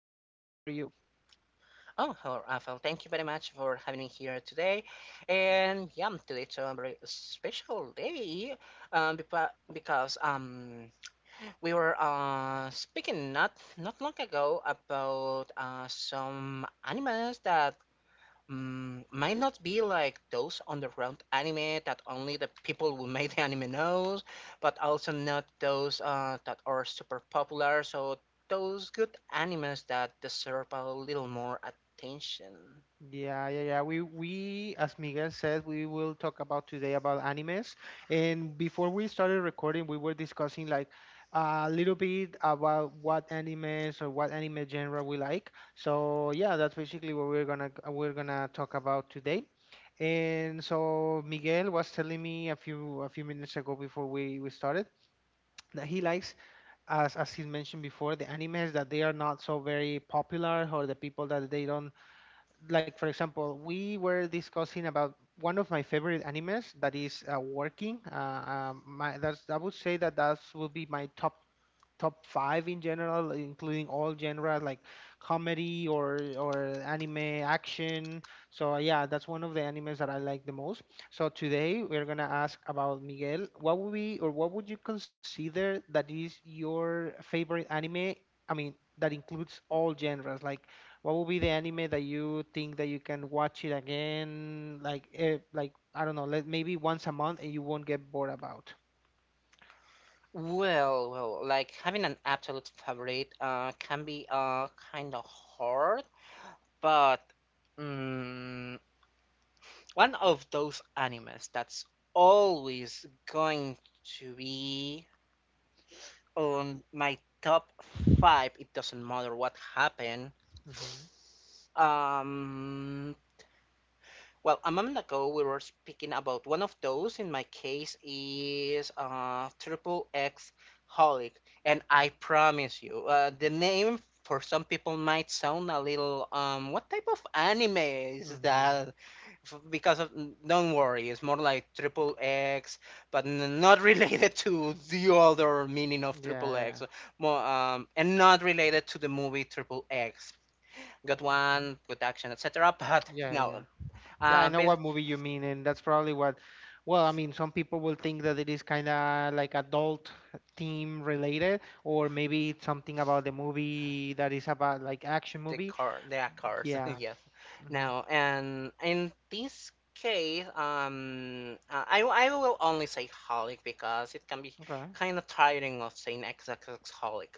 Oh, hello, Rafael. Thank you very much for having me here today. And yeah, today's a very special day because we were speaking not long ago about some animals that might not be like those underground anime that only the people who made the anime knows, but also not those that are super popular. So those good animes that deserve a little more attention. Yeah, yeah, yeah. We as Miguel said, we will talk about today about animes. And before we started recording, we were discussing like a little bit about what animes or what anime genre we like. So yeah, that's basically what we're gonna talk about today. And so Miguel was telling me a few minutes ago before we started that he likes, as he mentioned before, the animes that they are not so very popular or the people that they don't like. For example, we were discussing about one of my favorite animes, that is working. Uh, um, my that's, I would say, that that will be my top five in general, including all genres like comedy or anime action. So yeah, that's one of the animes that I like the most. So today we're gonna ask about Miguel: what would be, or what would you consider that is your favorite anime? I mean, that includes all genres. Like, what would be the anime that you think that you can watch it again? Like, like I don't know, like maybe once a month and you won't get bored about. Well, like having an absolute favorite can be kind of hard, but mm, one of those animes that's always going to be on my top five. It doesn't matter what happened. Um, well, a moment ago we were speaking about one of those. In my case, is triple X holic, and Mm-hmm. I promise you, the name for some people might sound a little what type of anime is Mm-hmm. that? Because of, don't worry, it's more like triple X, but not related to the other meaning of Yeah, triple yeah. X, more and not related to the movie triple X, good Mm. one, good action, etc. But Yeah, yeah. no, Yeah, I uh, know what basically, movie you mean, and that's probably what, well, I mean, some people will think that it is kind of like adult theme related, or maybe it's something about the movie that is about like action the movie. car the cars Yeah. yes. Hmm. Now and in this case I will only say holic because it can be Okay. kind of tiring of saying XXX holic.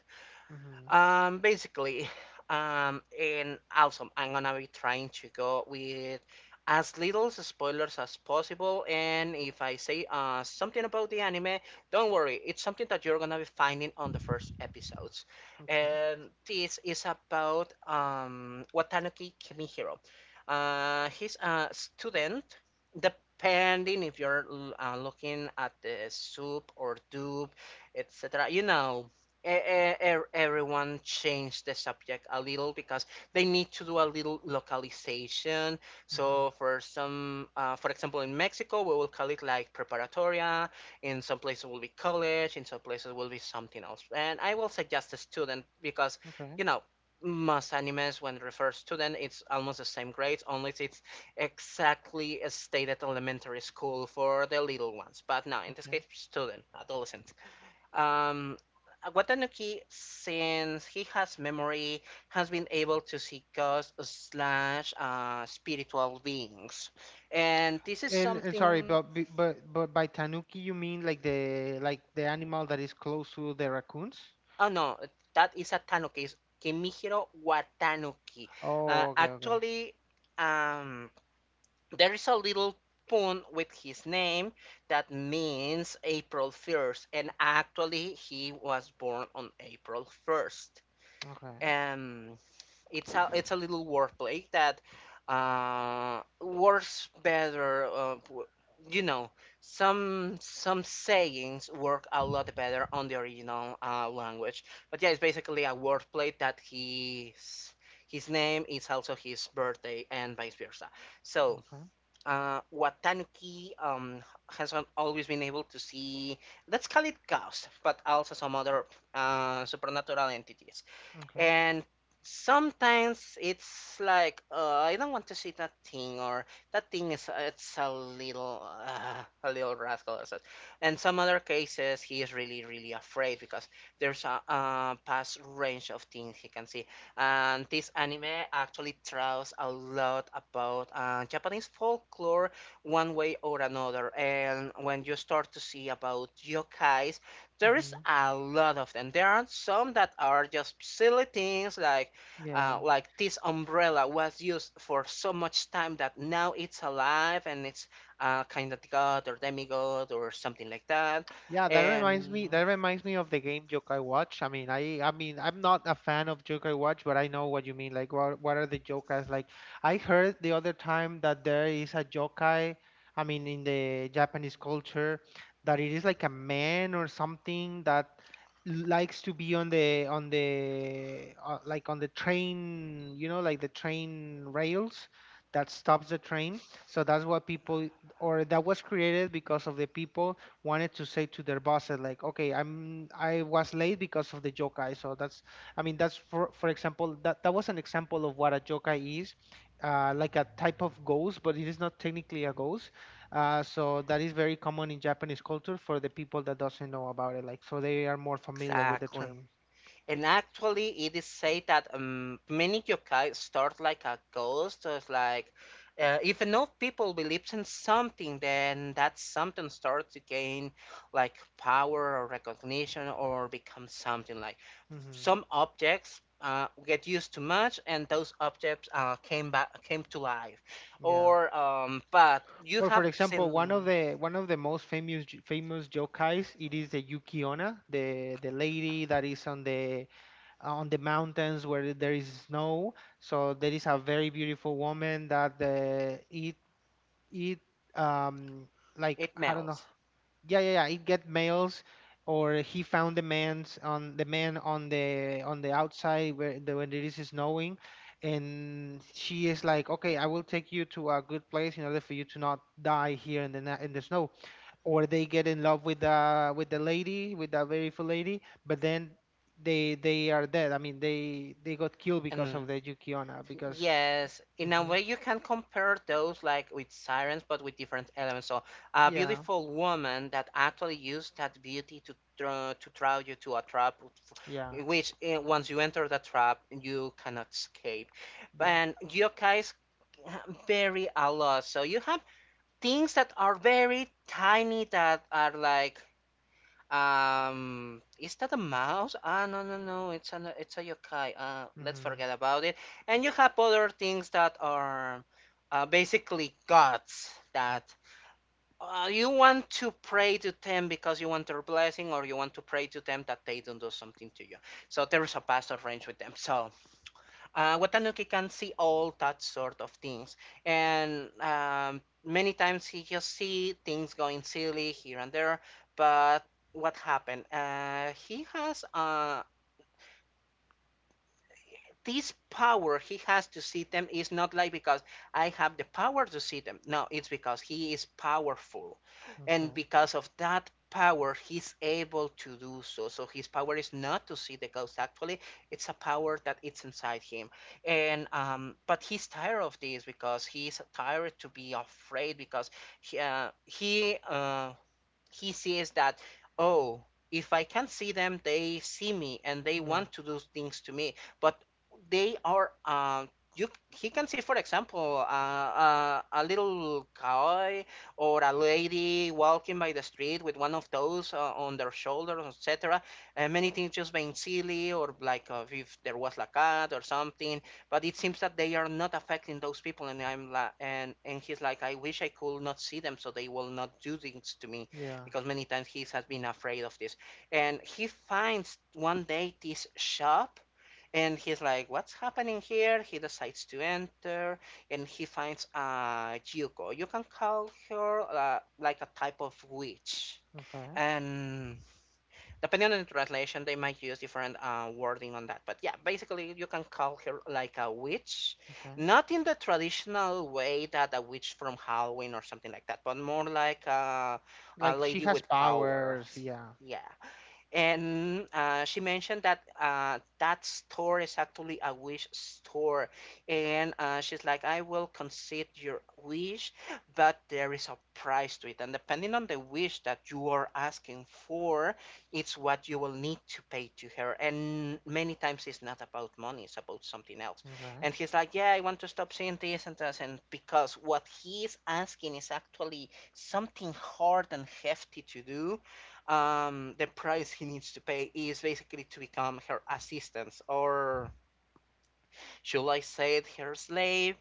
Hmm. Basically, and also I'm gonna be trying to go with as little spoilers as possible. And if I say something about the anime, don't worry, it's something that you're gonna be finding on the first episodes. Okay. And this is about Watanuki Kimihiro. He's a student. Depending if you're looking at the soup or dub, etc. You know, everyone changed the subject a little because they need to do a little localization. Hmm. So for some, for example, in Mexico, we will call it like preparatoria. In some places will be college. In some places will be something else. And I will suggest a student because, Okay. you know, most animes when it refers student, it's almost the same grades, unless it's exactly as stated elementary school for the little ones. But no, in this Okay. case, student, adolescent. Um, Watanuki, since he has memory, has been able to see ghosts slash spiritual beings. And this is And sorry, something, but but by tanuki you mean like the animal that is close to the raccoons? oh no, that is a Tanuki, it's Kimihiro Watanuki. Oh, okay, okay. Actually, um, there is a little pun with his name that means April 1st, and actually, he was born on April 1st. Okay. It's a little wordplay that works better. You know, some sayings work a lot better on the original language. But yeah, it's basically a wordplay that his name is also his birthday and vice versa. So Okay. What Tanuki has not always been able to see, let's call it ghosts, but also some other supernatural entities. Okay. And sometimes it's like, I don't want to see that thing, or that thing is it's a little rascal or such. And some other cases, he is really afraid because there's a, past range of things he can see. And this anime actually tells a lot about Japanese folklore, one way or another. And when you start to see about yokai there is Hmm. a lot of them. There are some that are just silly things Yeah. Like this umbrella was used for so much time that now it's alive and it's kind of god or demigod or something like that. Yeah, that reminds And me. That reminds me of the game Yokai Watch. I mean, I mean, I'm not a fan of Yokai Watch, but I know what you mean. Like, what are the yokai? Like, I heard the other time that there is a yokai. I mean, in the Japanese culture, that it is like a man or something that likes to be on the like on the train. You know, like the train rails that stops the train. So that's what people, or that was created because of the people wanted to say to their bosses like, okay, I was late because of the yokai. So that's, I mean, that's, for example, that that was an example of what a yokai is. Like a type of ghost, but it is not technically a ghost. So that is very common in Japanese culture for the people that doesn't know about it, like, so they are more familiar with the exactly. term. And actually, it is said that many yokai start like a ghost. So it's like, if enough people believes in something, then that something starts to gain like power or recognition or become something like Hmm. some objects. Get used too much, and those objects came back, came to life, Yeah, or but you or, for have example, seen one of the most famous yokais, it is the yukiona, the lady that is on the mountains where there is snow. So there is a very beautiful woman that it it um like, it I don't know. melts, Yeah, yeah, yeah. It get males, or he found the man's on the man on the outside where the, when it is snowing, and she is like, okay, I will take you to a good place in order for you to not die here in the snow, or they get in love with the lady, with the beautiful lady, but then they are dead. I mean, they got killed because of and. the yukiona, because. Yes, in a Hmm. way you can compare those like with sirens, but with different elements. So a Yeah, beautiful woman that actually used that beauty to draw you to a trap, yeah, which eh, once you enter the trap, you cannot escape. yeah. And yokais vary a lot. So you have things that are very tiny that are like is that a mouse? Ah, no, no, no. It's a yokai. Let's Hmm. forget about it. And you have other things that are basically gods that you want to pray to them because you want their blessing, or you want to pray to them that they don't do something to you. So there is a past of range with them. So Watanuki can see all that sort of things. And many times he just see things going silly here and there. But what happened? He has this power he has to see them is not like because I have the power to see them. No, it's because he is powerful. And Okay. because of that power, he's able to do so. So his power is not to see the ghost actually. It's a power that it's inside him. And but he's tired of this because he's tired to be afraid because he uh, he uh, he sees that oh, if I can not see them, they see me and they Yeah, want to do things to me, but they are you, he can see, for example, a little cowboy or a lady walking by the street with one of those on their shoulder, etc. And many things just being silly or like if there was a cat or something, but it seems that they are not affecting those people, and and he's like, I wish I could not see them so they will not do things to me, yeah. because many times he has been afraid of this. And he finds one day this shop and he's like, What's happening here? He decides to enter and he finds Yuko. You can call her like a type of witch. Okay, And depending on the translation, they might use different wording on that. But yeah, basically, you can call her like a witch, okay. not in the traditional way that a witch from Halloween or something like that, but more like a Like, she lady has with power. powers, yeah. Yeah. And she mentioned that that store is actually a wish store. And she's like, I will concede your wish, but there is a price to it. And depending on the wish that you are asking for, it's what you will need to pay to her. And many times it's not about money, it's about something else. Okay, And he's like, Yeah, I want to stop seeing this and that. And because what he is asking is actually something hard and hefty to do the price he needs to pay is basically to become her assistant, or should I say it, her slave?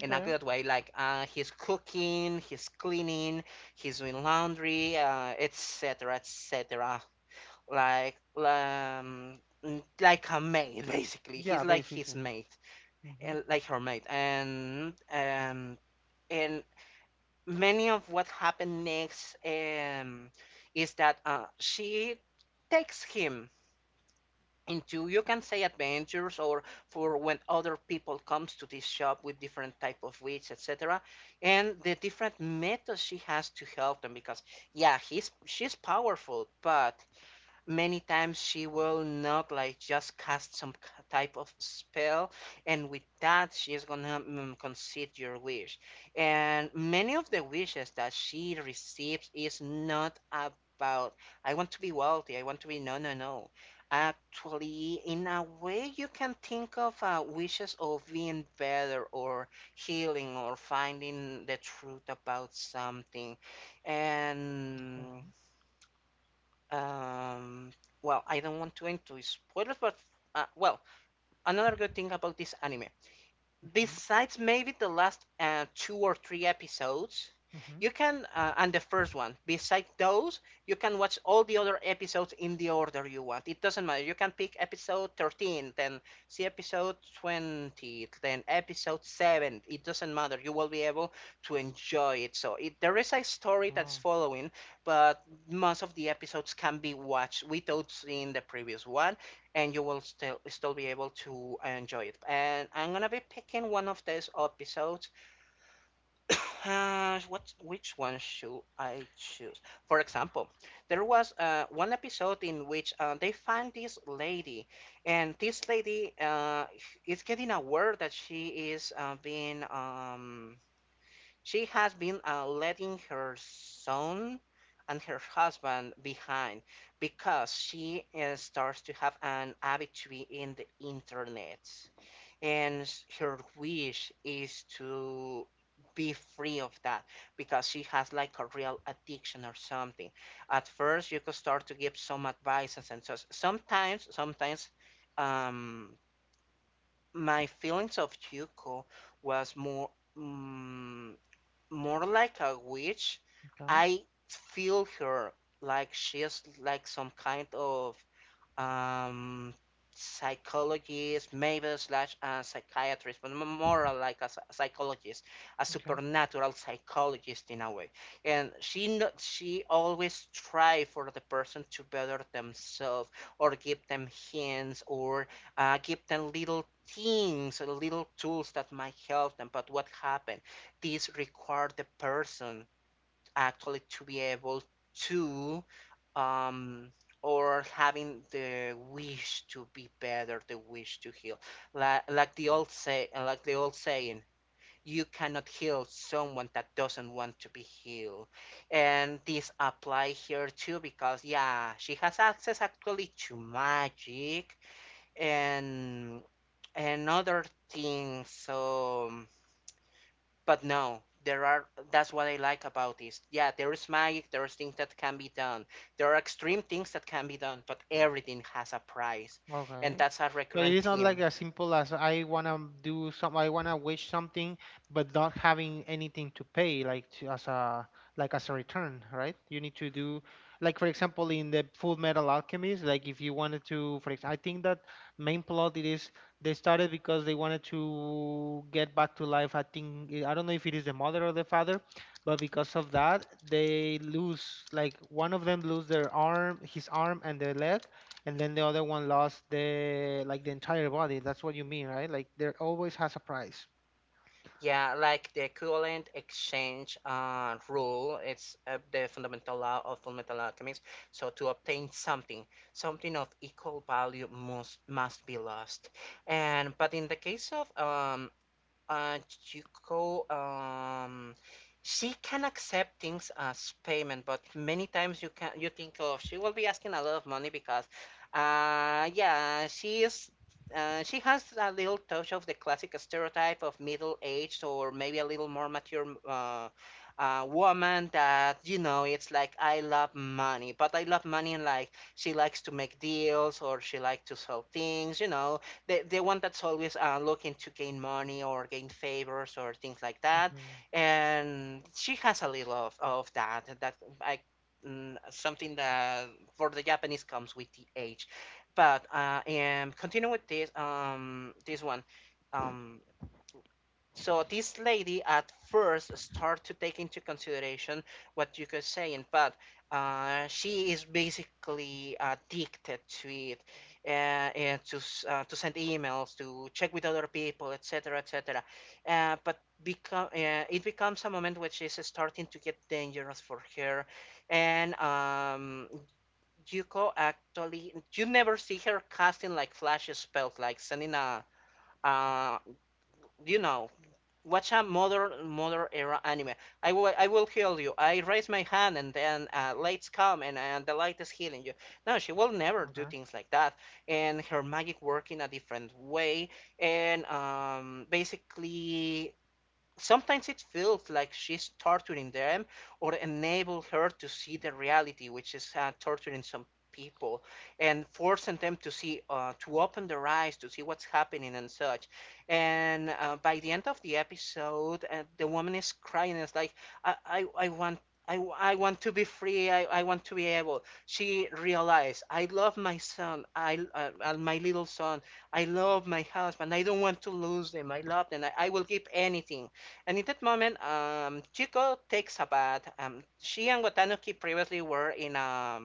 In a okay. good way, like he's cooking, he's cleaning, he's doing laundry, etc, etc., etc. Like um, like a maid, basically. He's Yeah, like his basically. maid, and like her maid, and many of what happened next is that she takes him into, you can say, adventures or for when other people comes to this shop with different type of witch, etc., and the different methods she has to help them, because yeah, he's she's powerful, but many times she will not like just cast some type of spell and with that she is gonna concede your wish. And many of the wishes that she receives is not about, I want to be wealthy, I want to be, no, no, no, actually, in a way you can think of wishes of being better or healing or finding the truth about something. And Okay. um, well, I don't want to into spoilers, but well, another good thing about this anime, Hmm. besides maybe the last two or three episodes, Hmm. you can and the first one, besides those, you can watch all the other episodes in the order you want. It doesn't matter, you can pick episode 13, then see episode 20, then episode 7. It doesn't matter, you will be able to enjoy it. So it, there is a story that's Oh, following, but most of the episodes can be watched without seeing the previous one and you will still be able to enjoy it. And I'm gonna be picking one of these episodes. What which one should I choose? For example, there was one episode in which they find this lady, and this lady is getting aware that she is being she has been letting her son and her husband behind because she starts to have an habitude in the internet. And her wish is to be free of that because she has like a real addiction or something. At first, you could start to give some advices and so sometimes, um, my feelings of Yuko was more. mm More like a witch. okay, I feel her like she's like some kind of um, psychologist, maybe slash psychiatrist, but more like a psychologist, a okay. supernatural psychologist in a way. And she no- she always try for the person to better themselves or give them hints or give them little things, little tools that might help them. But what happened? This required the person actually to be able to um or having the wish to be better, the wish to heal, like the old say like the old saying, you cannot heal someone that doesn't want to be healed. And this apply here too because yeah, she has access actually to magic and and other things, so but no, there are. That's what I like about this. Yeah, there is magic. There is things that can be done. There are extreme things that can be done. But everything has a price, and Okay. that's a So it recurrent is not like theme. as simple as I wanna do some, I wanna wish something, but not having anything to pay, as a, like, as a return, right? You need to do, like, for example, in the Full Metal Alchemist, like, if you wanted to, for example, I think that main plot, it is they started because they wanted to get back to life. I think I don't know if it is the mother or the father, but because of that, they lose, like, one of them lose their arm, his arm, and their leg, and then the other one lost, the entire body. That's what you mean, right? Like, there always has a price. Yeah, like the equivalent exchange rule. It's the fundamental law of fundamental alchemist. So to obtain something, something of equal value must be lost. And but in the case of Chico, she can accept things as payment, but many times you can you think of she will be asking a lot of money because, yeah, she is. She has a little touch of the classic stereotype of middle-aged or maybe a little more mature woman that you know it's like I love money, but I love money, and like she likes to make deals or she likes to sell things, you know, the one that's always looking to gain money or gain favors or things like that. Mm-hmm. And she has a little of that. That I, something that for the Japanese comes with the age. But and continue with this this one. Um, so this lady at first start to take into consideration what you could say, in but she is basically addicted to it, uh, and to send emails, to check with other people, etc., etc. But become it becomes a moment which is starting to get dangerous for her, and Yuko actually you never see her casting like flash spells, like sending a uh, you know watch a modern era anime. I will heal you. I raise my hand and then lights come, and the light is healing you. No, she will never do Okay. things like that. And her magic work in a different way. And basically sometimes it feels like she's torturing them, or enable her to see the reality, which is torturing some people and forcing them to see, to open their eyes to see what's happening and such. And by the end of the episode, the woman is crying. It's like, I want. I want to be free. I want to be able. She realized, I love my son. I my little son. I love my husband. I don't want to lose them. I love them. I will give anything. And in that moment, Chico takes a bath. She and Watanuki previously were in a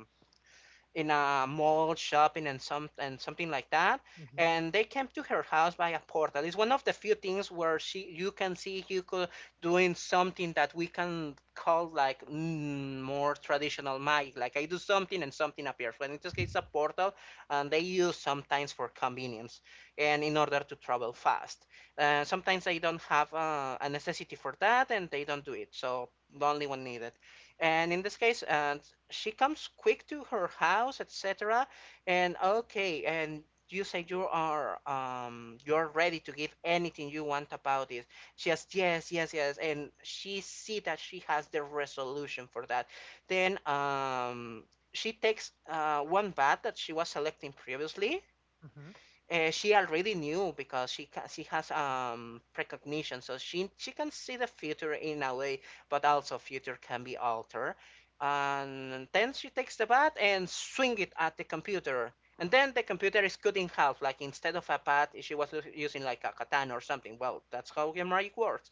in a mall shopping and something like that, Mm-hmm. and they came to her house by a portal. It's one of the few things where she, you can see Yuko doing something that we can call like more traditional magic, like I do something and something appears, but in this case it's a portal, and they use sometimes for convenience and in order to travel fast. Uh, sometimes they don't have a necessity for that and they don't do it, so only when needed. And in this case, and she comes quick to her house, etc. And okay, and you say you are you're ready to give anything you want about it. She says yes, yes, yes, and she see that she has the resolution for that. Then she takes one bath that she was selecting previously. Mm-hmm. Uh, she already knew because she has precognition, so she can see the future in a way, but also future can be altered. And then she takes the bat and swing it at the computer, and then the computer is cut in half. Like instead of a bat, she was using like a katana or something. Well, that's how game magic works.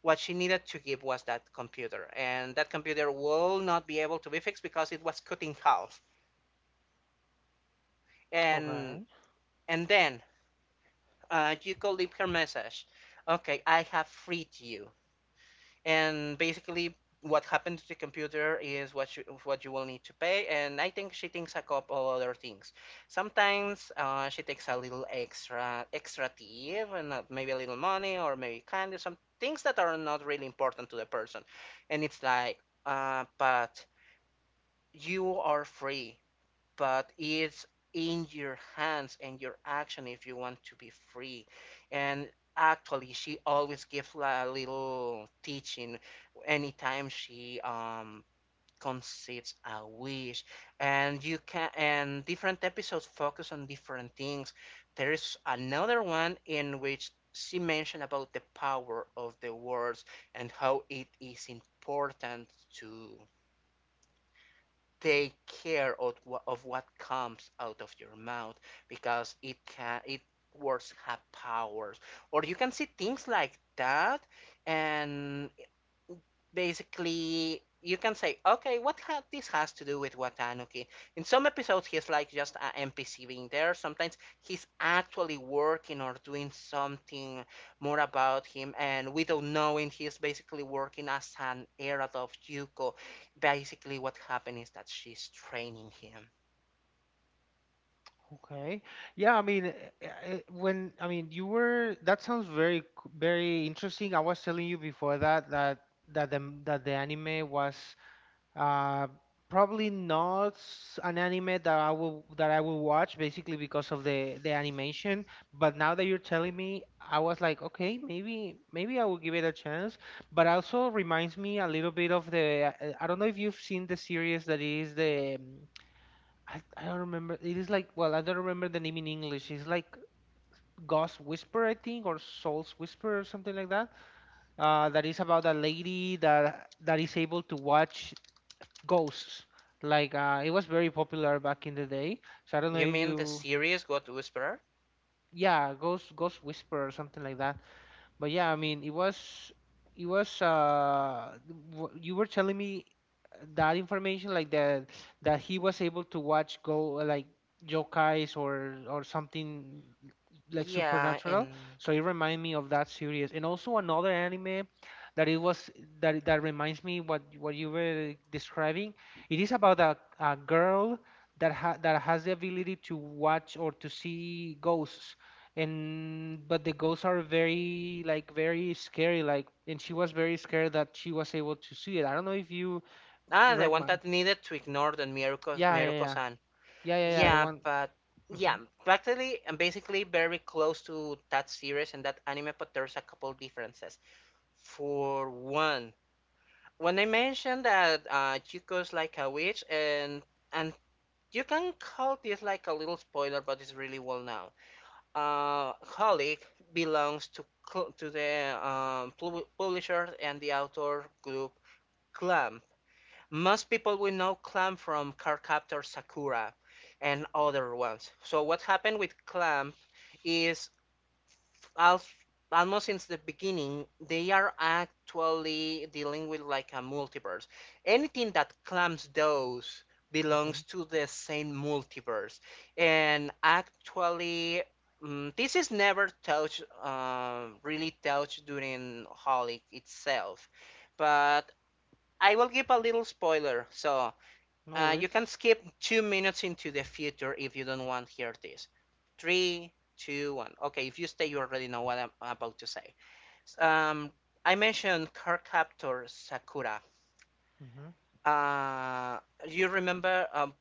What she needed to give was that computer, and that computer will not be able to be fixed because it was cut in half. And Okay. and then you could leave her message. Okay, I have freed you. And basically, what happened to the computer is what you will need to pay. And I think she thinks a couple other things. Sometimes she takes a little extra tip and maybe a little money or maybe candy, some things that are not really important to the person. And it's like, but you are free, but it's in your hands and your action if you want to be free. And actually, she always gives a little teaching anytime she concedes a wish. And you can, and different episodes focus on different things. There is another one in which she mentioned about the power of the words and how it is important to take care of what comes out of your mouth, because it can it words have powers, or you can see things like that. And basically you can say, okay, this has to do with Watanuki. In some episodes he's like just an NPC being there, sometimes he's actually working or doing something more about him, and without knowing he's basically working as an herald of Yuko. Basically what happened is that she's training him. Okay. Yeah. I mean, when, I mean, you were, that sounds very very interesting. I was telling you before that the that the anime was. Uh, Probably not s- an anime that I will watch, basically because of the animation. But now that you're telling me, I was like, okay, maybe I will give it a chance. But also reminds me a little bit of the, I don't know if you've seen the series that is the, I don't remember. It is like, well, I don't remember the name in English. It's like Ghost Whisper, I think, or Soul's Whisper or something like that. That is about a lady that is able to watch ghosts. Like, it was very popular back in the day. So I don't know You if mean the you, series got whisperer? yeah, Ghost Whisper or something like that. But yeah, I mean, it was you were telling me that information, like, that he was able to watch go like, yokais or something, like, Yeah, supernatural. and So it reminded me of that series. And also another anime that it was that that reminds me what you were describing. It is about a girl that ha that has the ability to watch or to see ghosts, and but the ghosts are very, like, very scary, like, and she was very scared that she was able to see it. I don't know if you ah, the one remind. that needed to ignore the Miruko, Yeah, yeah, miruko yeah. san Yeah, yeah, yeah. The Yeah, one. but Hmm. yeah, practically and basically very close to that series and that anime, but there's a couple differences. For one, when I mentioned that Chico's like a witch, and you can call this like a little spoiler, but it's really well known. Holic belongs to to the publisher and the author group Clamp. Most people we know Clamp from Cardcaptor Sakura and other ones. So what happened with Clamp is al- almost since the beginning, they are actually dealing with like a multiverse. Anything that Clamp does belongs Okay. to the same multiverse, and actually, this is never touched, really touched during Holic itself, but I will give a little spoiler. So No you can worries. skip 2 minutes into the future if you don't want to hear this. Three, two, one. Okay, if you stay, you already know what I'm about to say. Um, I mentioned car Sakura. Hmm. Uh, you remember?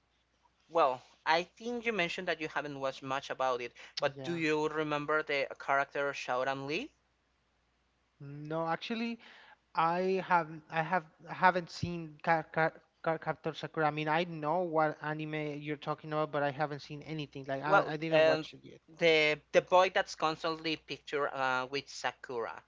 Well, I think you mentioned that you haven't watched much about it, but do Yeah. you remember the character Shaoran Lee? No, actually, i have i have I haven't seen Car Captor Sakura. I mean, I know what anime you're talking about, but I haven't seen anything, like, i, Well, I didn't watch it yet. the boy that's constantly pictured with Sakura.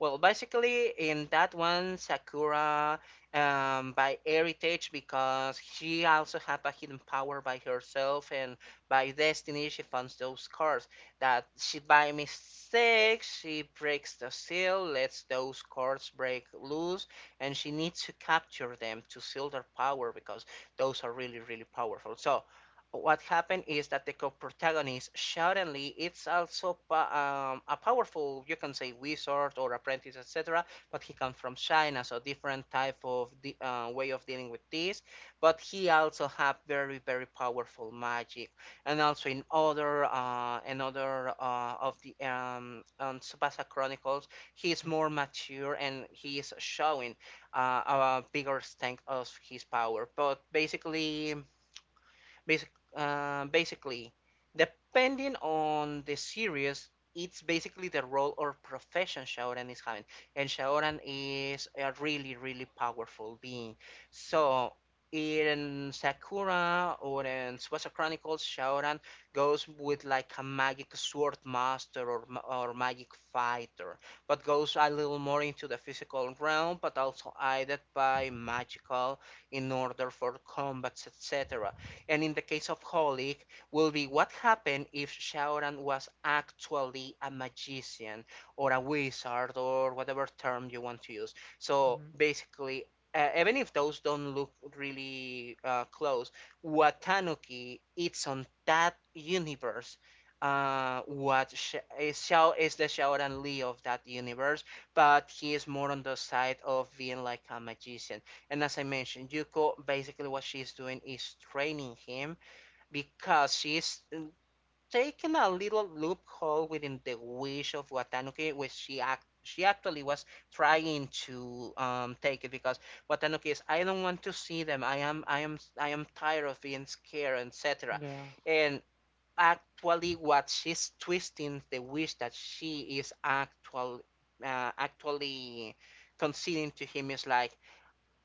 Well, basically in that one, Sakura by heritage, because she also had a hidden power by herself and by destiny, she finds those cards, that she by mistake she breaks the seal, lets those cards break loose, and she needs to capture them to seal their power because those are really powerful. So what happened is that the co-protagonist suddenly it's also a powerful, you can say, wizard or apprentice, etc. But he comes from China, so different type of way of dealing with this. But he also have very powerful magic, and also in other another of the Tsubasa Chronicles, he is more mature and he is showing a bigger strength of his power. But basically, Basic, basically, depending on the series, it's basically the role or profession Shaoran is having. And Shaoran is a really, really powerful being. So in Sakura or in Tsubasa Chronicles, Shaoran goes with like a magic sword master or magic fighter, but goes a little more into the physical realm, but also aided by magical in order for combats, etc. And in the case of Holic, will be what happened if Shaoran was actually a magician or a wizard or whatever term you want to use. So Hmm. basically, even if those don't look really close, Watanuki it's on that universe. What Sh- is Shao is the Shaoran Lee of that universe, but he is more on the side of being like a magician. And as I mentioned, Yuko basically what she's doing is training him because she's taking a little loophole within the wish of Watanuki, which she actually was trying to take it because Watanuki is I don't want to see them. I am tired of being scared, etc. Yeah. And actually, what she's twisting the wish that she is actually conceding to him is like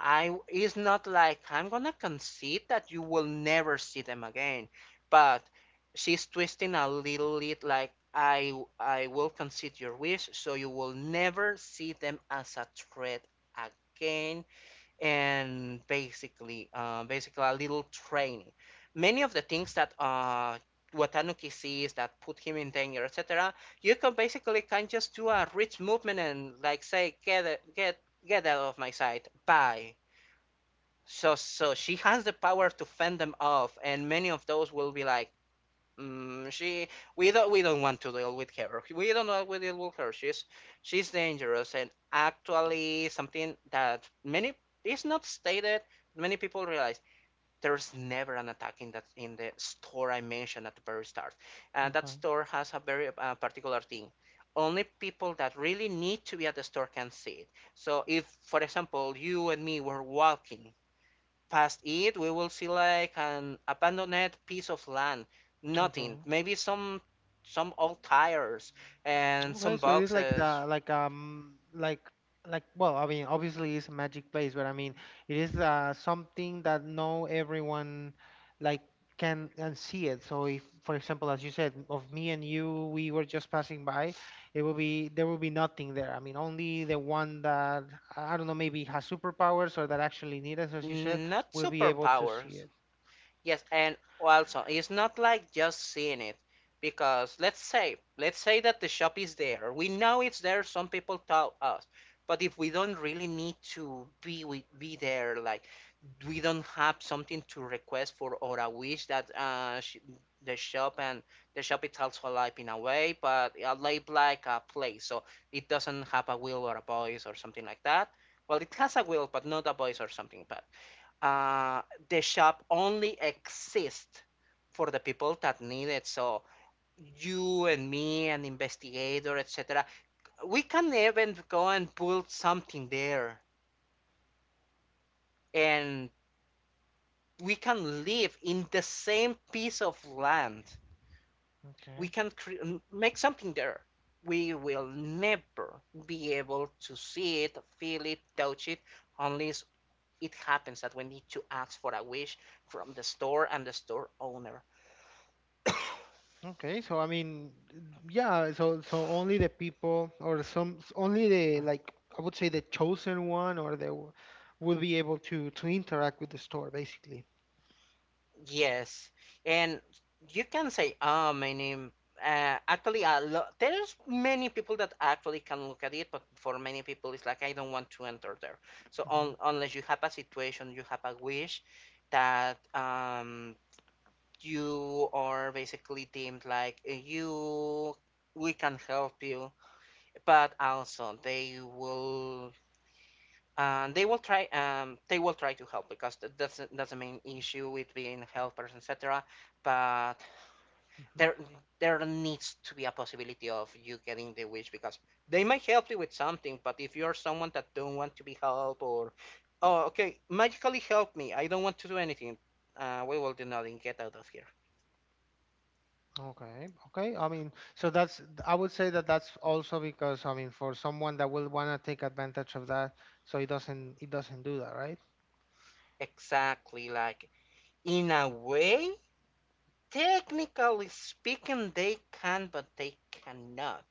I it's not like I'm gonna concede that you will never see them again, but she's twisting a little bit like I will concede your wish, so you will never see them as a threat again, and basically a little training. Many of the things that Watanuki sees that put him in danger, etc. You can basically can just do a rich movement and like say get out of my sight, bye so she has the power to fend them off, and many of those will be like, she we don't want to deal with her. We don't want to deal with her. She's dangerous, and actually something that many is not stated. Many people realize there's never an attack in that in the store I mentioned at the very start, and that Okay, store has a very particular thing. Only people that really need to be at the store can see it. So if, for example, you and me were walking past it, we will see like an abandoned piece of land, nothing, okay. maybe some old tires and Okay, some so it's like boxes, the, like, like, well, I mean, obviously it's a magic place, but I mean, it is something that no everyone, like, can and see it. So if, for example, as you said, of me and you, we were just passing by, it will be, there will be nothing there. I mean, only the one that I don't know, maybe has superpowers or that actually need us, as you said, not will be able to see superpowers. it. Yes, and also it's not like just seeing it because let's say that the shop is there. We know it's there. Some people tell us, but if we don't really need to be we, be there, like we don't have something to request for or a wish that the shop and the shop is also alive in a way, but alive like a place, so it doesn't have a will or a voice or something like that. Well, it has a will, but not a voice or something. But uh, the shop only exists for the people that need it. So you and me, an investigator, etc. We can even go and build something there, and we can live in the same piece of land. We Okay. can make something there. We will never be able to see it, feel it, touch it, unless it happens that we need to ask for a wish from the store and the store owner. Okay, so I mean, yeah, so only the people, or only the, like, I would say, the chosen one, or will be able to interact with the store basically. Yes, and you can say, "Ah, my name." Actually, there's many people that actually can look at it, but for many people, it's like I don't want to enter there. So Hmm. un unless you have a situation, you have a wish that you are basically deemed like you, we can help you, but also they will. They will try. They will try to help because that's the main issue with being helpers, etc. But Hmm. there there needs to be a possibility of you getting the wish because they might help you with something. But if you're someone that don't want to be helped or, oh, okay, magically help me. I don't want to do anything. We will do nothing. Get out of here. Okay, okay. I mean, so that's I would say that that's also because, I mean, for someone that will wanna take advantage of that, so it doesn't do that, right? Exactly. Like in a way, technically speaking, they can, but they cannot.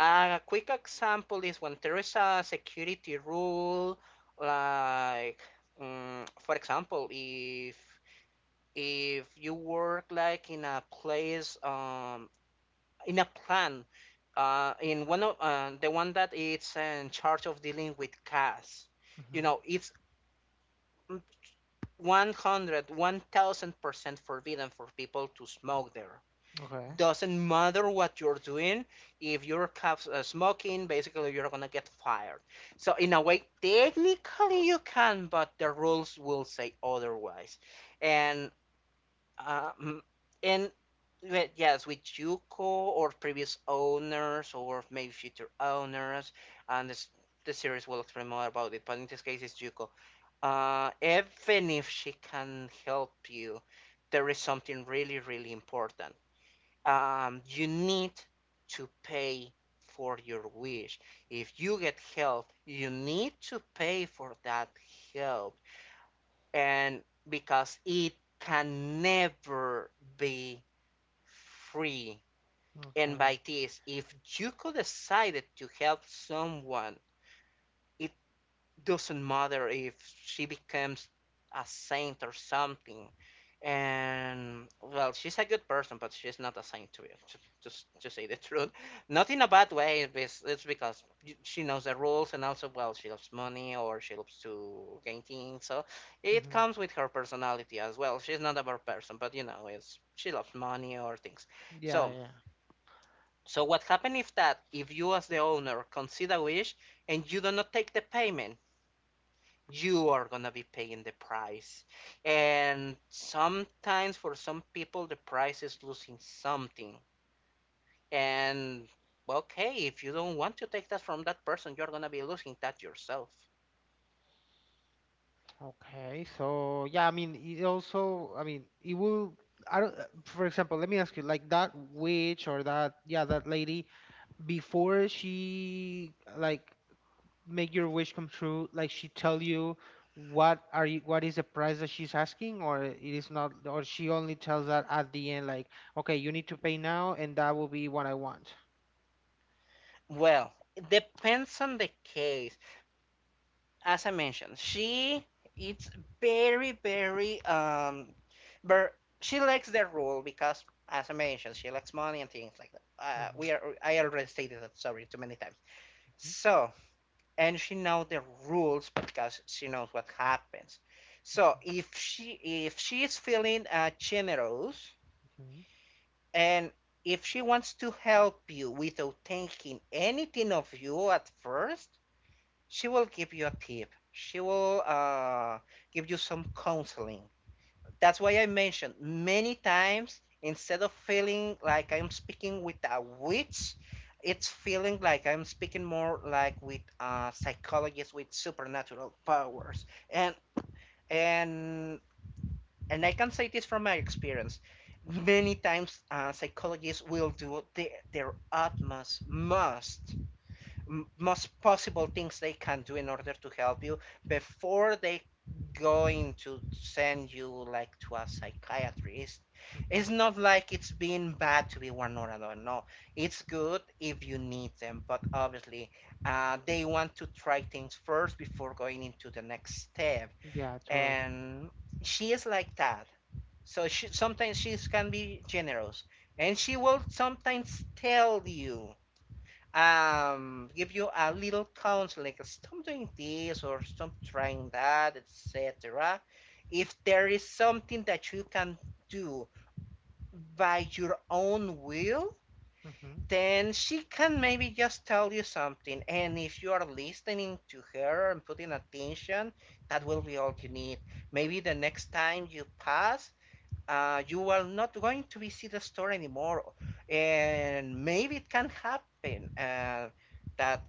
A quick example is when there is a security rule, like for example, if you work like in a place, in a plant, in one of the one that it's in charge of dealing with cash, you Hmm. know, it's 100, 1,000% forbidden for people to smoke there. Okay, Doesn't matter what you're doing if you're smoking basically you're gonna get fired, so in a way technically you can but the rules will say otherwise. And um, and well, yes, with Yuko or previous owners or maybe future owners, and this, the series will explain more about it, but in this case it's Yuko. Even if she can help you, there is something really really important. You need to pay for your wish. If you get help, you need to pay for that help. And because it can never be free. And okay. by this, if you could decide to help someone, it doesn't matter if she becomes a saint or something. And well she's a good person, but she's not assigned to it just to say the truth, not in a bad way. It's because she knows the rules, and also well she loves money or she loves to gain things, so it Hmm. comes with her personality as well. She's not a bad person, but you know it's she loves money or things. so Yeah, yeah, yeah. so what happened if that if you as the owner concede a wish and you do not take the payment, you are gonna be paying the price. And sometimes for some people, the price is losing something. And well, okay, if you don't want to take that from that person, you're gonna be losing that yourself. Okay, so yeah, I mean, it also, I mean, it will, I don't, for example, let me ask you, like, that witch, or that, yeah, that lady, before she, like, make your wish come true, like, she tell you what is the price that she's asking, or it is not, or she only tells that at the end, like, okay, you need to pay now, and that will be what I want. Well, it depends on the case. As I mentioned, she it's very, very but she likes the rule because, as I mentioned, she likes money and things like that. Mm-hmm, We are I already stated that sorry too many times. So and she knows the rules because she knows what happens. So if she is feeling generous, mm-hmm, and if she wants to help you without taking anything of you at first, she will give you a tip. She will give you some counseling. That's why I mentioned many times instead of feeling like I'm speaking with a witch, it's feeling like I'm speaking more like with a psychologist with supernatural powers. And and I can say this from my experience. Many times, psychologists will do their utmost, most possible things they can do in order to help you before they going to send you like to a psychiatrist. mm-hmm. It's not like it's been bad to be one or another, no, it's good if you need them, but obviously they want to try things first before going into the next step. Yeah, totally. And she is like that, so she sometimes she can be generous, and she will sometimes tell you give you a little counsel like stop doing this or stop trying that, etc. If there is something that you can do by your own will, Mm-hmm. then she can maybe just tell you something, and if you are listening to her and putting attention, that will be all you need. Maybe the next time you pass, you are not going to visit the store anymore, and maybe it can happen that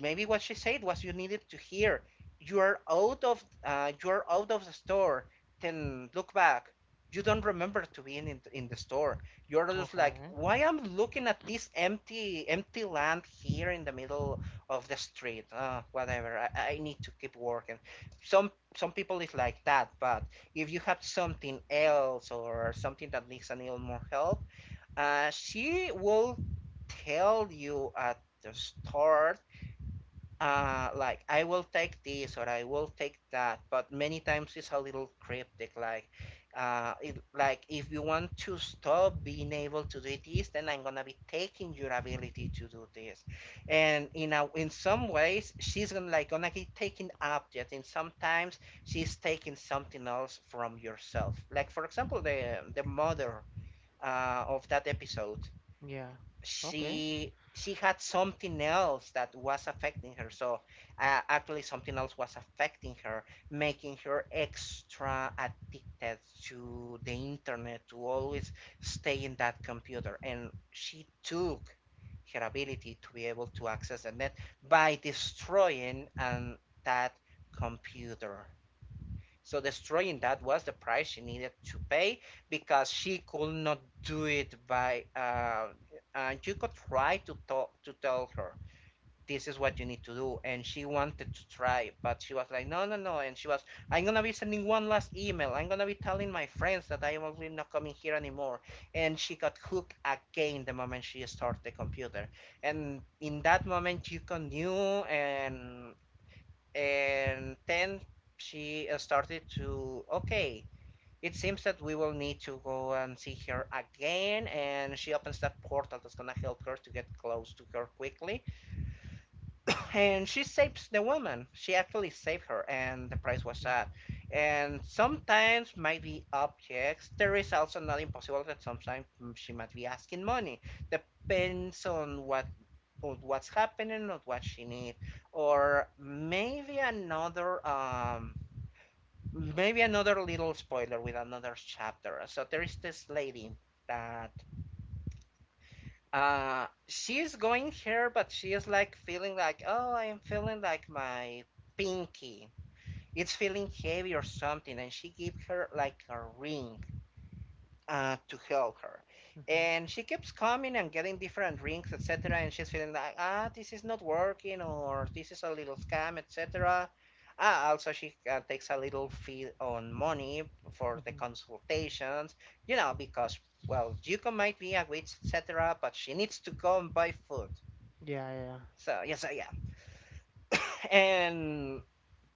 maybe what she said was you needed to hear. You are out of you are out of the store. Then look back. You don't remember to be in the store. You're just like, Okay. why I'm looking at this empty land here in the middle of the street. Whatever. I need to keep working. Some people is like that, but if you have something else or something that needs a little more help, she will tell you at the start like I will take this or I will take that, but many times it's a little cryptic. Like, like if you want to stop being able to do this, then I'm gonna be taking your ability to do this, and in some ways she's gonna be taking objects, and sometimes she's taking something else from yourself. Like for example, the mother of that episode Yeah. Okay. she had something else that was affecting her, so actually something else was affecting her, making her extra addicted to the internet to always stay in that computer, and she took her ability to be able to access the net by destroying that computer. So destroying that was the price she needed to pay because she could not do it by. And you could try to talk to tell her this is what you need to do, and she wanted to try, but she was like, no, no, no, and she was, I'm gonna be sending one last email. I'm gonna be telling my friends that I am really not coming here anymore, and she got hooked again the moment she started the computer, and in that moment you can knew and and then she started to okay it seems that we will need to go and see her again, and she opens that portal that's gonna help her to get close to her quickly. And she saves the woman. She actually saved her, and the price was Yeah. that. And sometimes might be objects. There is also not impossible that sometimes she might be asking money. Depends on what, on what's happening or what she needs. Or maybe another little spoiler with another chapter. So there is this lady that she's going here, but she is like feeling like, oh, I am feeling like my pinky. It's feeling heavy or something, and she gives her like a ring to help her. Mm-hmm. And she keeps coming and getting different rings, etc. And she's feeling like, ah, this is not working, or this is a little scam, etc. Ah, also, she takes a little fee on money for the consultations, because, well, Yuko might be a witch, etc., but she needs to go and buy food. Yeah, yeah, So, yes, so yeah. and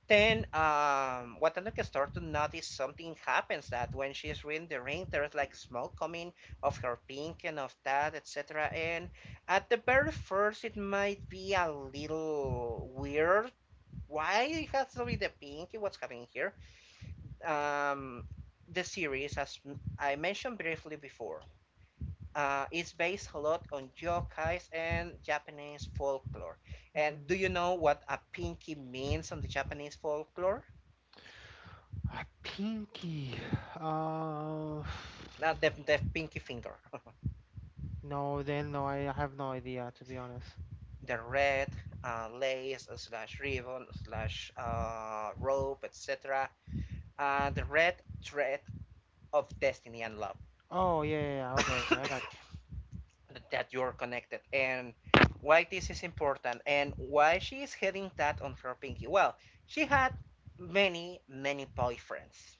Then, Watanabe starts to notice something happens that when she's reading the ring, there's like smoke coming of her pink and of that, etc. And at the very first, it might be a little weird. Why it has to be the pink? What's happening here? Um, the series, as I mentioned briefly before, is based a lot on yokais and Japanese folklore. yeah. And Mm-hmm. do you know what a pinky means on the Japanese folklore? A pinky. Uh, Not the pinky finger. no, then no, I have no idea, to be honest. The red lace slash ribbon slash rope, etc. The red thread of destiny and love. Oh, yeah, yeah, yeah. Okay, okay, I got you. That you're connected, and why this is important and why she is having that on her pinky. Well, she had many many boyfriends,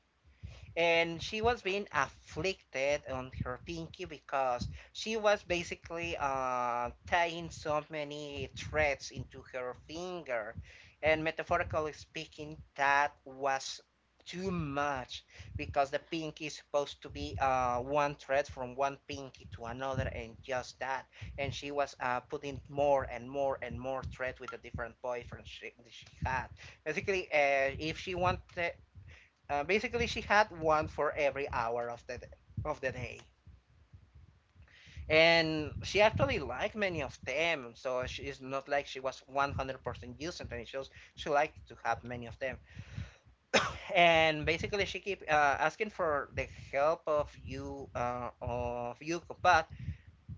and she was being afflicted on her pinky because she was basically tying so many threads into her finger, and metaphorically speaking that was too much, because the pinky is supposed to be one thread from one pinky to another and just that. And she was putting more and more and more thread with the different boyfriends she had. Basically if she wanted basically, she had one for every hour of the day, and she actually liked many of them. So she is not like she was 100% using them. She was, she liked to have many of them. And basically she keep asking for the help of you combat.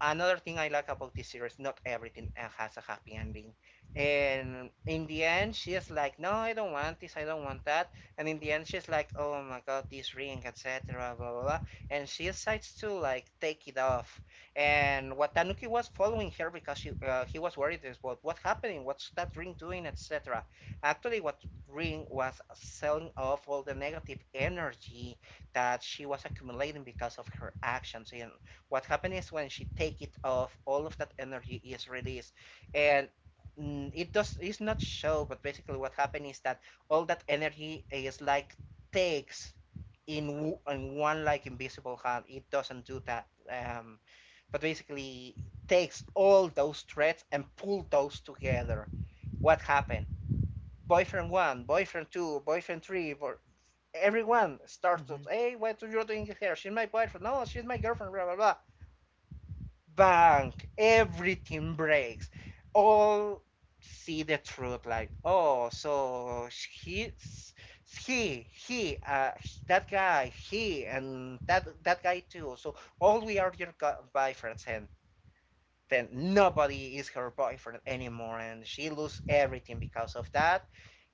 Another thing I like about this series, not everything has a happy ending. And in the end, she's like, no, I don't want this, I don't want that. And in the end, she's like, oh my god, this ring, etc., blah, blah, blah. And she decides to like take it off. And Watanuki was following her because she, he was worried about what's happening, what's that ring doing, etc. Actually, what ring was selling off all the negative energy that she was accumulating because of her actions. And what happens is when she take it off, all of that energy is released, and it does it's not show, but basically what happened is that all that energy is like takes in in one like invisible hand. It doesn't do that, but basically takes all those threads and pull those together. What happened? Boyfriend one, boyfriend two, boyfriend three, everyone starts to, Mm-hmm. hey, what are you doing here? She's my boyfriend. No, she's my girlfriend. Blah blah blah bank, everything breaks. All see the truth, like, oh, so he, he, he, uh, that guy, he, and that guy too. So all we are your boyfriends, and then nobody is her boyfriend anymore, and she lose everything because of that.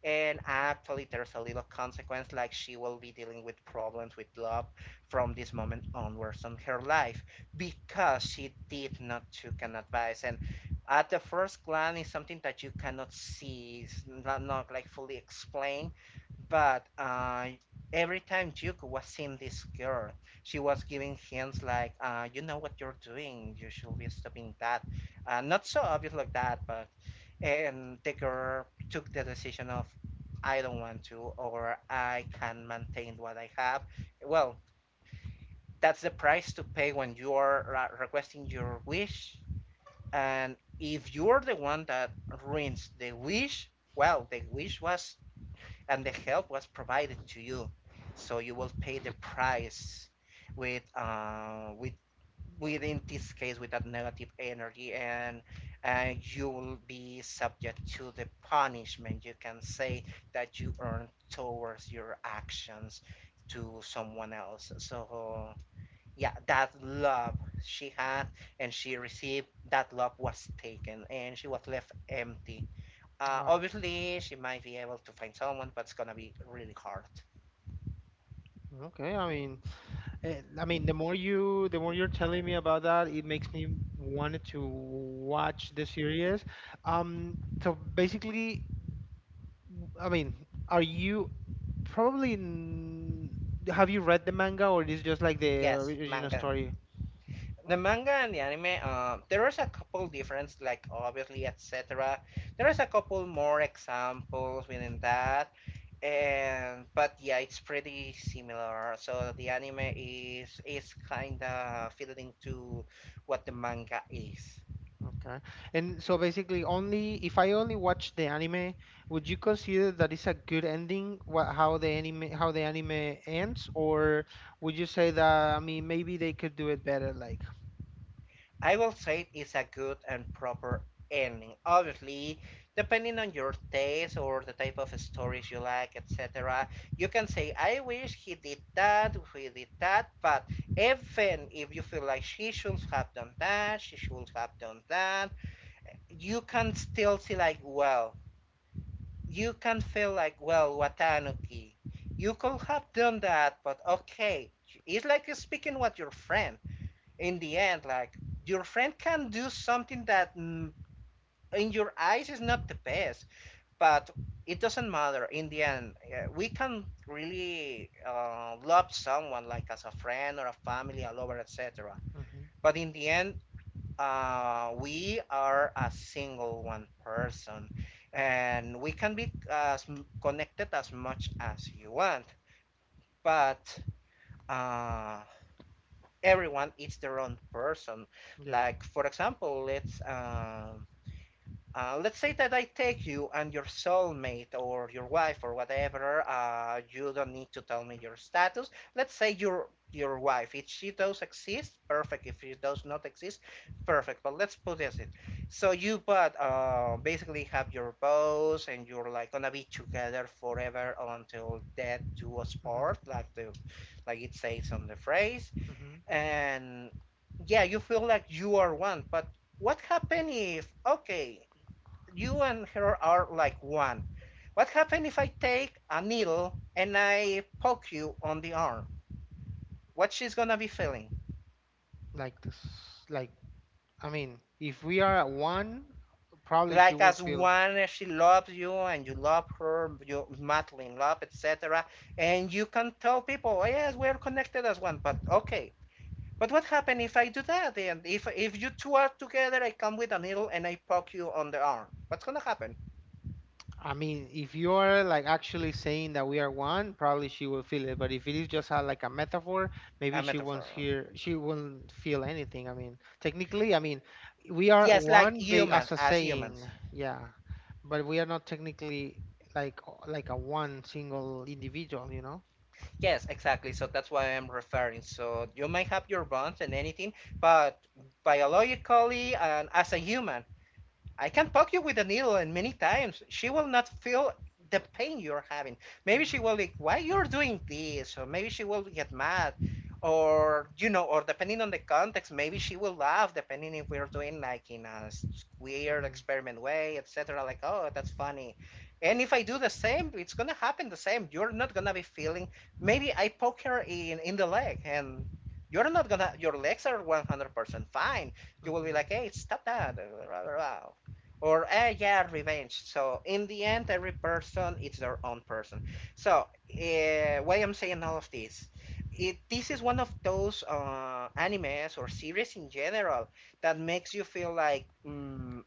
And actually, there's a little consequence, like she will be dealing with problems with love from this moment onwards on her life because she did not took an advice. And at the first glance, it's something that you cannot see, it's not like fully explained. But every time Duke was seeing this girl, she was giving hints like, "You know what you're doing. You should be stopping that." Not so obvious like that, but and Decker took the decision of, I don't want to, or I can maintain what I have. Well, that's the price to pay when you are requesting your wish. And if you're the one that ruins the wish, well, the wish was and the help was provided to you, so you will pay the price with within this case with that negative energy, and you will be subject to the punishment, you can say, that you earn towards your actions to someone else. So yeah, that love she had, and she received, that love was taken, and she was left empty. Uh, Wow. obviously she might be able to find someone, but it's gonna be really hard. Okay, I mean, I mean, the more you're telling me about that, it makes me want to watch the series. Um, so basically, I mean, are you probably n- have you read the manga, or is just like the Yes, original manga, story? the manga and the anime, there is a couple difference, like obviously, etc. There is a couple more examples within that, and but yeah, it's pretty similar. So the anime is kind of fitting to what the manga is. Okay. And so basically, only if I only watch the anime, would you consider that it's a good ending, what, how the anime ends, or would you say that, I mean, maybe they could do it better, like. I will say it is a good and proper ending. Obviously, depending on your taste or the type of stories you like, etc., you can say, I wish he did that, but even if you feel like she should have done that, she should have done that, you can still see, like, well, you can feel like, well, Watanuki, you could have done that, but okay. It's like you're speaking with your friend in the end, like your friend can do something that in your eyes is not the best, but it doesn't matter in the end. Uh, we can really love someone like as a friend or a family a lover, etc., Hmm. but in the end we are a single one person, and we can be as connected as much as you want, but uh, everyone is their own person. Yeah. Like for example, let's say that I take you and your soulmate or your wife or whatever. You don't need to tell me your status. Let's say your wife. If she does exist, perfect. If she does not exist, perfect. But let's put this in. So you, but basically have your bows and you're like gonna be together forever until death do us Hmm. part, like the like it says on the phrase. Hmm. And yeah, you feel like you are one, but what happen if, okay, you and her are like one, what happen if I take a needle and I poke you on the arm, what she's gonna be feeling? Like this, like, I mean, if we are at one, probably she Like will as feel. one, as she loves you and you love her, you madly in love, etc., and you can tell people, oh, yes, we're connected as one, but okay, but what happen if I do that? And if you two are together, I come with a needle and I poke you on the arm. What's gonna happen? I mean, if you are, like, actually saying that we are one, probably she will feel it. But if it is just like a metaphor, maybe A she won't metaphor. hear, she won't feel anything. I mean, technically, I mean, we are Yes, like one human, as a as saying, humans. yeah, but we are not technically like a one single individual, you know? Yes, exactly. So that's what I'm referring. So you might have your bonds and anything, but biologically and as a human, I can poke you with a needle and many times. She will not feel the pain you're having. Maybe she Mm-hmm, will like, why you're doing this? Or maybe she will get mad. Or you know, or depending on the context, maybe she will laugh, depending if we're doing like in a weird mm-hmm, experiment way, etc. Like, oh, that's funny. And if I do the same, it's gonna happen the same. You're not gonna be feeling. Maybe I poke her in the leg, and you're not gonna. Your legs are 100% fine. You will be mm-hmm. like, hey, stop that, or eh yeah, revenge. So in the end, every person is their own person. So why I'm saying all of this, it this is one of those animes or series in general that makes you feel like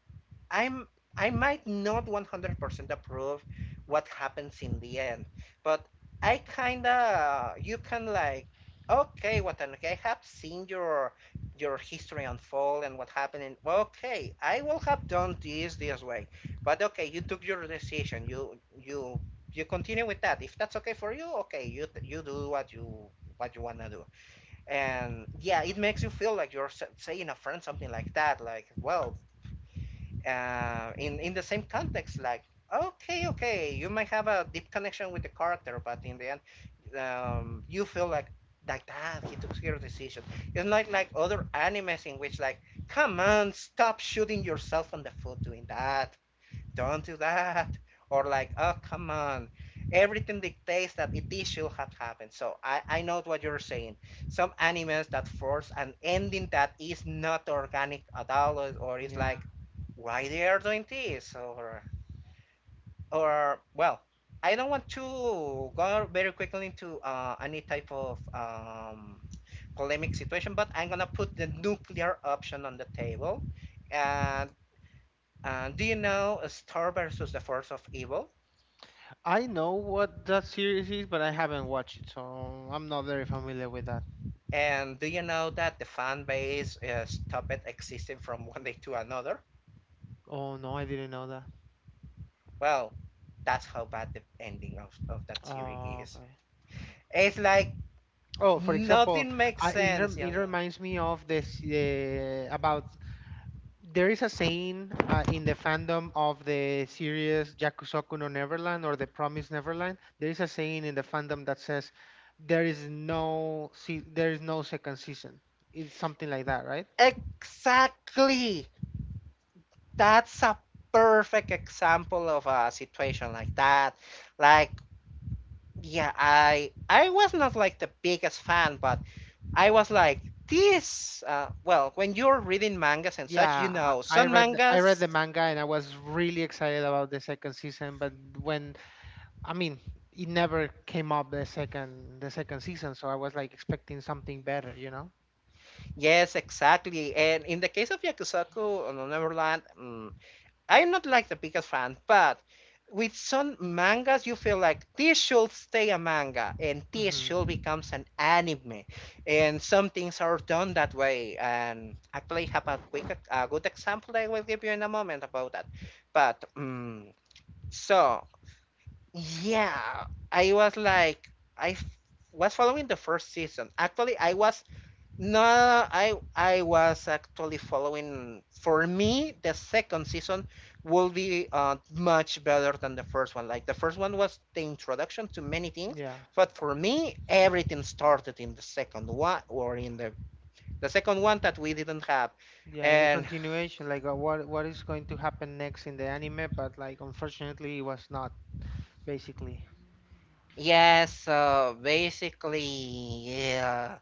I'm, I might not 100% approve what happens in the end, but I kinda you can like, okay, Watanuki, I have seen your history unfold and what happened, and okay, I will have done this this way. But okay, you took your decision. You you continue with that. If that's okay for you, okay, you do what you wanna do. And yeah, it makes you feel like you're saying a friend something like that, like well in the same context like, okay okay, you might have a deep connection with the character, but in the end you feel like that he took your decision. It's not like other animes in which like, come on, stop shooting yourself on the foot doing that. Don't do that. Or like, oh, come on. Everything dictates that it is should have happened. So I know what you're saying. Some animes that force an ending that is not organic at all, or it's Yeah, like, why they are doing this? Or well, I don't want to go very quickly into any type of polemic situation, but I'm gonna put the nuclear option on the table. And do you know Star versus the Force of Evil? I know what that series is, but I haven't watched it, so I'm not very familiar with that. And do you know that the fan base stopped existing from one day to another? Oh no, I didn't know that. Well, that's how bad the ending of that series Oh, is. okay. It's like Oh, for example, nothing makes sense. You it know? reminds me of this about There is a saying in the fandom of the series Yakusoku no Neverland or The Promised Neverland. There is a saying in the fandom that says there is there is no second season. It's something like that, right? Exactly. That's a perfect example of a situation like that. Like, yeah, I was not like the biggest fan, but I was Mhm. like this. Well, when you're reading mangas and such, you Yeah, know, I I some read I read mangas. the manga and I was really excited about the second season, but I mean, it never came up the second season, so I was like expecting something better, you know. Yes, exactly. And in the case of Yakusoku on Neverland, I'm not like the biggest fan, but with some mangas, you feel like this should stay a manga and this Hmm. should becomes an anime. And some things are done that way. And actually, have a quick, a good example I will give you in a moment about that. But so yeah, I was like, I f- was following the first season. Actually, I was no, I was actually following. For me, the second season will be much better than the first one. Like the first one was the introduction to many things, Yeah, but for me, everything started in the second one or in the second one that we didn't have. yeah. In the And continuation, like what is going to happen next in the anime, but like unfortunately, it was not basically. yes, basically, yeah.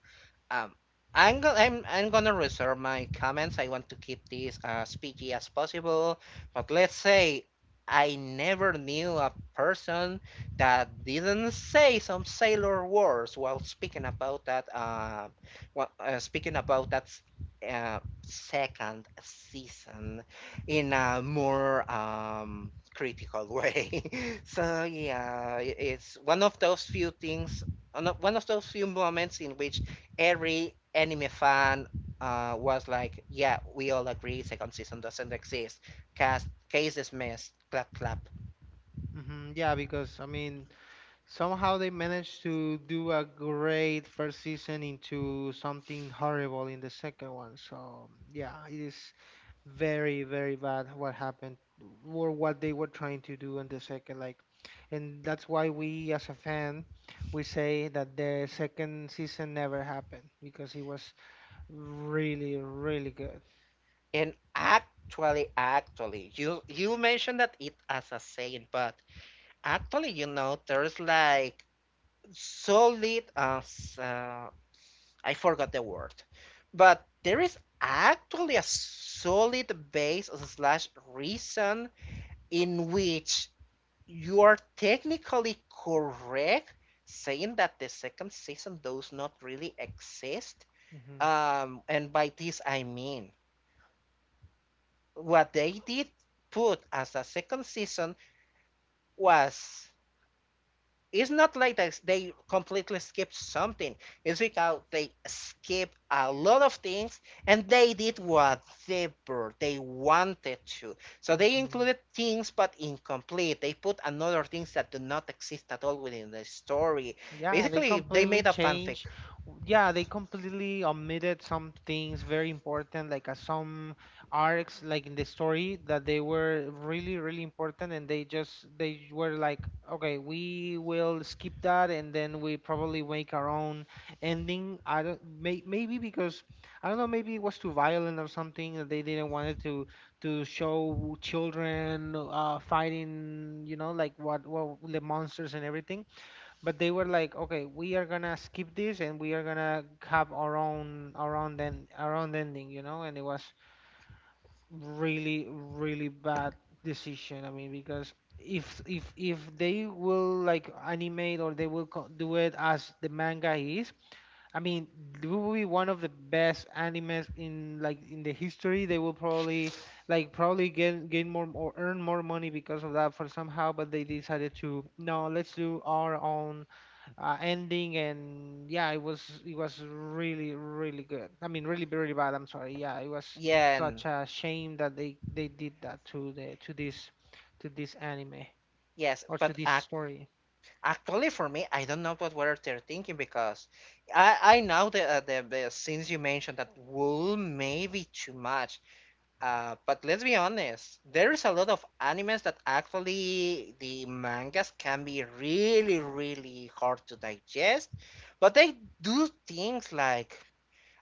Um, I'm gonna reserve my comments. I want to keep this as PG as possible. But let's say I never knew a person that didn't say some sailor words while speaking about that. While speaking about that second season in a more critical way. So it's one of those few things. One of those few moments in which every anime fan was like, yeah, we all agree second season doesn't exist. Cast case dismissed. Clap clap. Hmm. Yeah, because I mean, somehow they managed to do a great first season into something horrible in the second one. So yeah, it is. Very very bad what happened, or what they were trying to do in the second, like, and that's why we, as a fan, we say that the second season never happened because it was really really good. And actually, you mentioned that it as a saying, but actually, you know, there's like solid as I forgot the word, but there is actually a solid base slash reason in which you are technically correct saying that the second season does not really exist. Hmm. And by this I mean what they did put as a second season was it's not like this, they completely skipped something. It's because they skip a lot of things and they did whatever they wanted to. So they Hmm. included things but incomplete. They put another things that do not exist at all within the story. Yeah, they Basically, they completely made a fanfic. changed. Yeah, they completely omitted some things very important, like some arcs, like in the story, that they were really, really important, and they were like, okay, we will skip that, and then we probably make our own ending. I don't, maybe because I don't know, maybe it was too violent or something, that they didn't want it to show children fighting, you know, like what the monsters and everything, but they were like, okay, we are gonna skip this and we are gonna have our own then our own ending, you know. And it was really really bad decision. I mean, because if they will like animate or they will do it as the manga is, I mean, it will be one of the best animes in, like, in the history. They will probably like probably gain more or earn more money because of that for somehow. But they decided to no, let's do our own ending. And yeah, it was really really good. I mean, really really bad. I'm sorry. Yeah, it was Yeah, and such a shame that they did that to the to this anime yes, or to but this ac story. actually for me, I don't know what were they're thinking because I know the the scenes you mentioned that will maybe too much. But let's be honest, there is a lot of animes that actually the mangas can be really, really hard to digest, but they do things like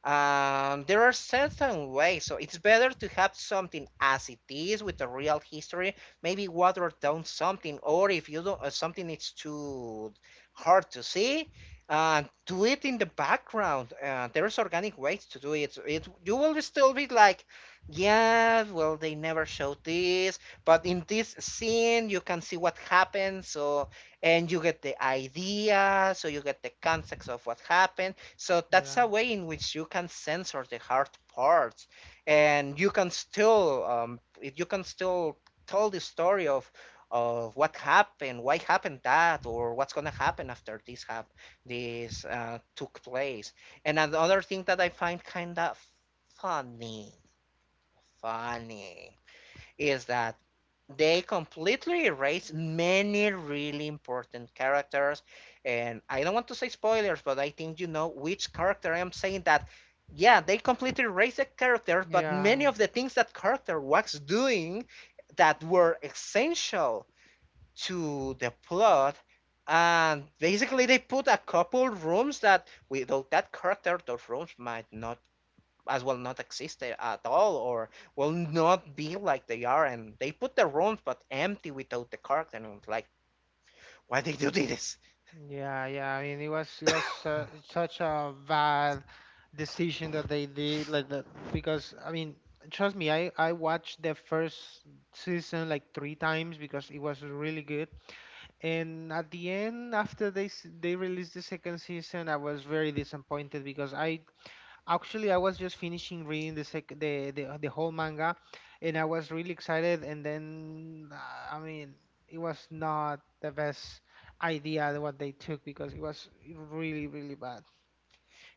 there are certain ways, so it's better to have something as it is with the real history. Maybe water down something, or if you don't, something it's too hard to see, do it in the background. There's organic ways to do it. So it you will still be like, yeah, well they never showed this, but in this scene you can see what happened. So and you get the idea, so you get the context of what happened, so that's Yeah, a way in which you can censor the hard parts, and you can still tell the story of what happened, why happened that, or what's gonna happen after this took place. And another thing that I find kind of funny, funny is that they completely erase many really important characters, and I don't want to say spoilers but I think you know which character I am saying that. Yeah, they completely erase the character but many yeah. of the things that character was doing that were essential to the plot, and basically they put a couple rooms that without that character those rooms might not as well not exist at all or will not be like they are, and they put the rooms but empty without the character and I was like why they do this. Yeah, yeah. I mean, it was such a bad decision that they did, like that, because I mean, trust me, I watched the first season like 3 times because it was really good. And at the end, after they they released the second season, I was very disappointed because I actually, I was just finishing reading the the whole manga, and I was really excited. And then, I mean, it was not the best idea that what they took because it was really, really bad.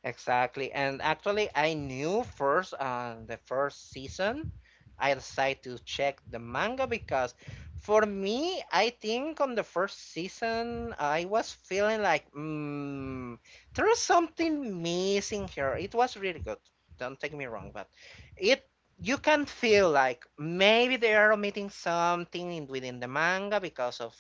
Exactly. And actually, I knew first on the first season, I decided to check the manga because for me, I think on the first season, I was feeling like, there is something missing here. It was really good. Don't take me wrong, but it you can feel like maybe they are omitting something in, within the manga because of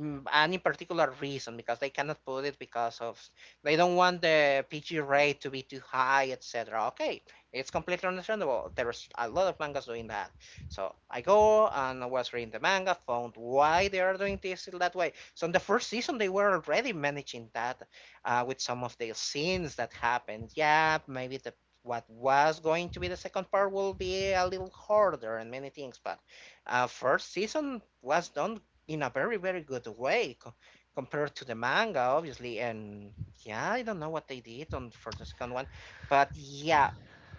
any particular reason because they cannot put it because of they don't want the PG rate to be too high, etc. Okay, it's completely understandable. There's a lot of mangas doing that. So I go and I was reading the manga, found why they are doing this that way. So in the first season, they were already managing that with some of the scenes that happened. Yeah, maybe the what was going to be the second part will be a little harder and many things, but first season was done in a very very good way compared to the manga obviously, and yeah I don't know what they did on for the second one, but yeah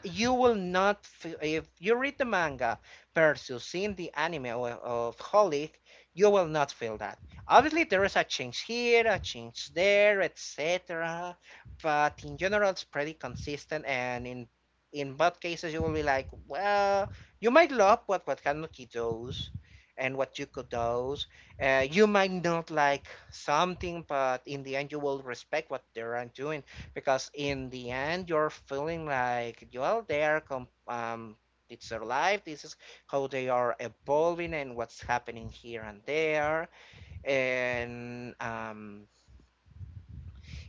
you will not if you read the manga versus seeing the anime of Holic, you will not feel that obviously there is a change here a change there etc, but in general it's pretty consistent and in both cases you will be like well you might love what Kanuki does and what Yuko does. You might not like something, but in the end, you will respect what they're doing because in the end, you're feeling like, well, they are, it's their life. This is how they are evolving and what's happening here and there. And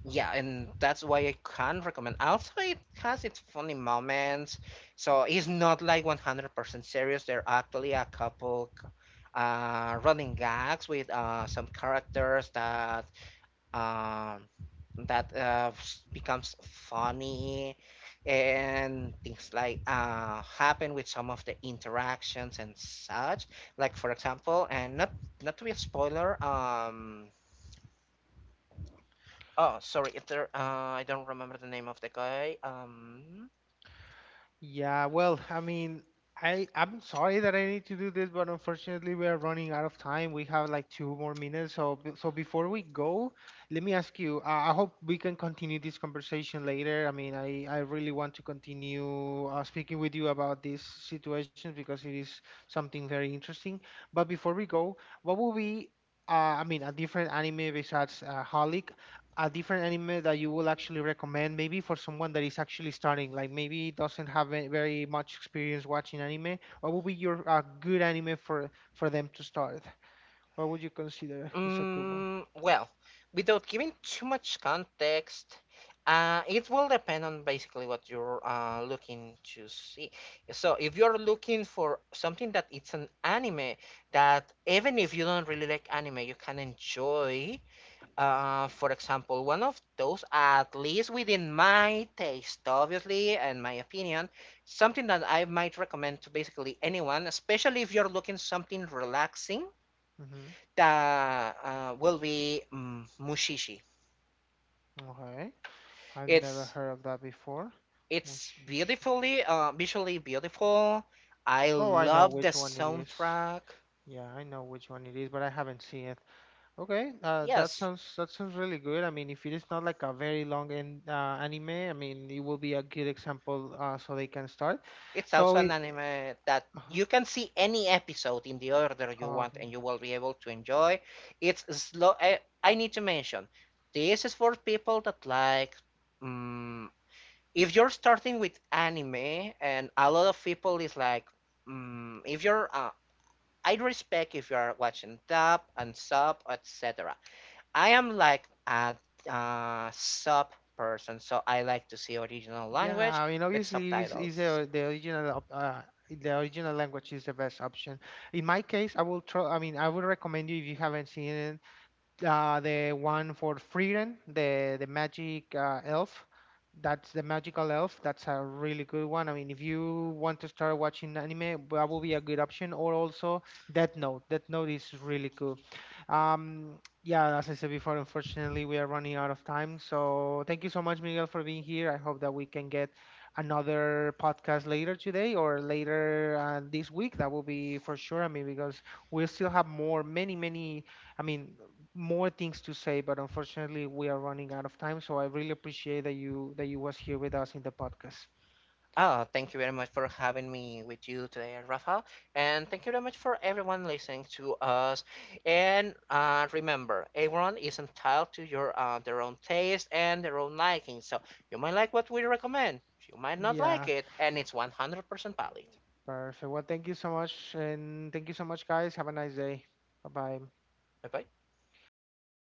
yeah, and that's why I can recommend. Also, it has its funny moments, so it's not like 100% serious. There are actually a couple running gags with some characters that um, becomes funny, and things like happen with some of the interactions and such. Like for example, and not to be a spoiler. Oh, sorry. If there, I don't remember the name of the guy. Yeah, well, I mean, I'm sorry that I need to do this, but unfortunately we are running out of time. We have like 2 more minutes, so so before we go, let me ask you. I hope we can continue this conversation later. I mean, I really want to continue speaking with you about this situation because it is something very interesting. But before we go, what will be I mean, a different anime besides Holic, a different anime that you will actually recommend maybe for someone that is actually starting, like maybe doesn't have very much experience watching anime? What would be your good anime for them to start? What would you consider is a good one? Well, without giving too much context, it will depend on basically what you're looking to see. So, if you're looking for something that it's an anime that even if you don't really like anime, you can enjoy, for example, one of those, at least within my taste, obviously, and my opinion, something that I might recommend to basically anyone, especially if you're looking something relaxing, Hmm. that will be Mushishi. Okay. I've never It's heard of that before. oh it's sh- sh- beautifully, visually beautiful. I oh, I know love the which one it is. soundtrack. Yeah, I know which one it is, but I haven't seen it. Okay, Yes, that sounds really good. I mean, if it is not like a very long and anime, I mean, it will be a good example so they can start. it's So also an it, anime that uh-huh, you can see any episode in the order you uh, want and you will be able to enjoy. It's slow. I need to mention this is for people that like. mm if you're starting with anime, and a lot of people is like, mm if you're. I'd respect if you're watching dub and sub, etc. I am like a sub person, so I like to see original yeah, language I mean, with obviously, is subtitles. The the original language is the best option. In my case, I will try. I mean, I would recommend you, if you haven't seen it, the one for Frieren, the magic elf. That's the magical elf. That's a really good one. I mean, if you want to start watching anime, that will be a good option. Or also Death Note. Death Note is really cool. Yeah, as I said before, unfortunately we are running out of time. So thank you so much, Miguel, for being here. I hope that we can get another podcast later today or later this week. That will be for sure. I mean, because we still have more, many, many. I mean, more things to say, but unfortunately we are running out of time. So I really appreciate that you was here with us in the podcast. Oh, thank you very much for having me with you today, Rafa. And thank you very much for everyone listening to us. And remember, everyone is entitled to your their own taste and their own liking. So you might like what we recommend, you might not Yeah, like it, and it's 100% valid. perfect. Well, thank you so much, and thank you so much, guys. Have a nice day. Bye bye. Bye bye. See you.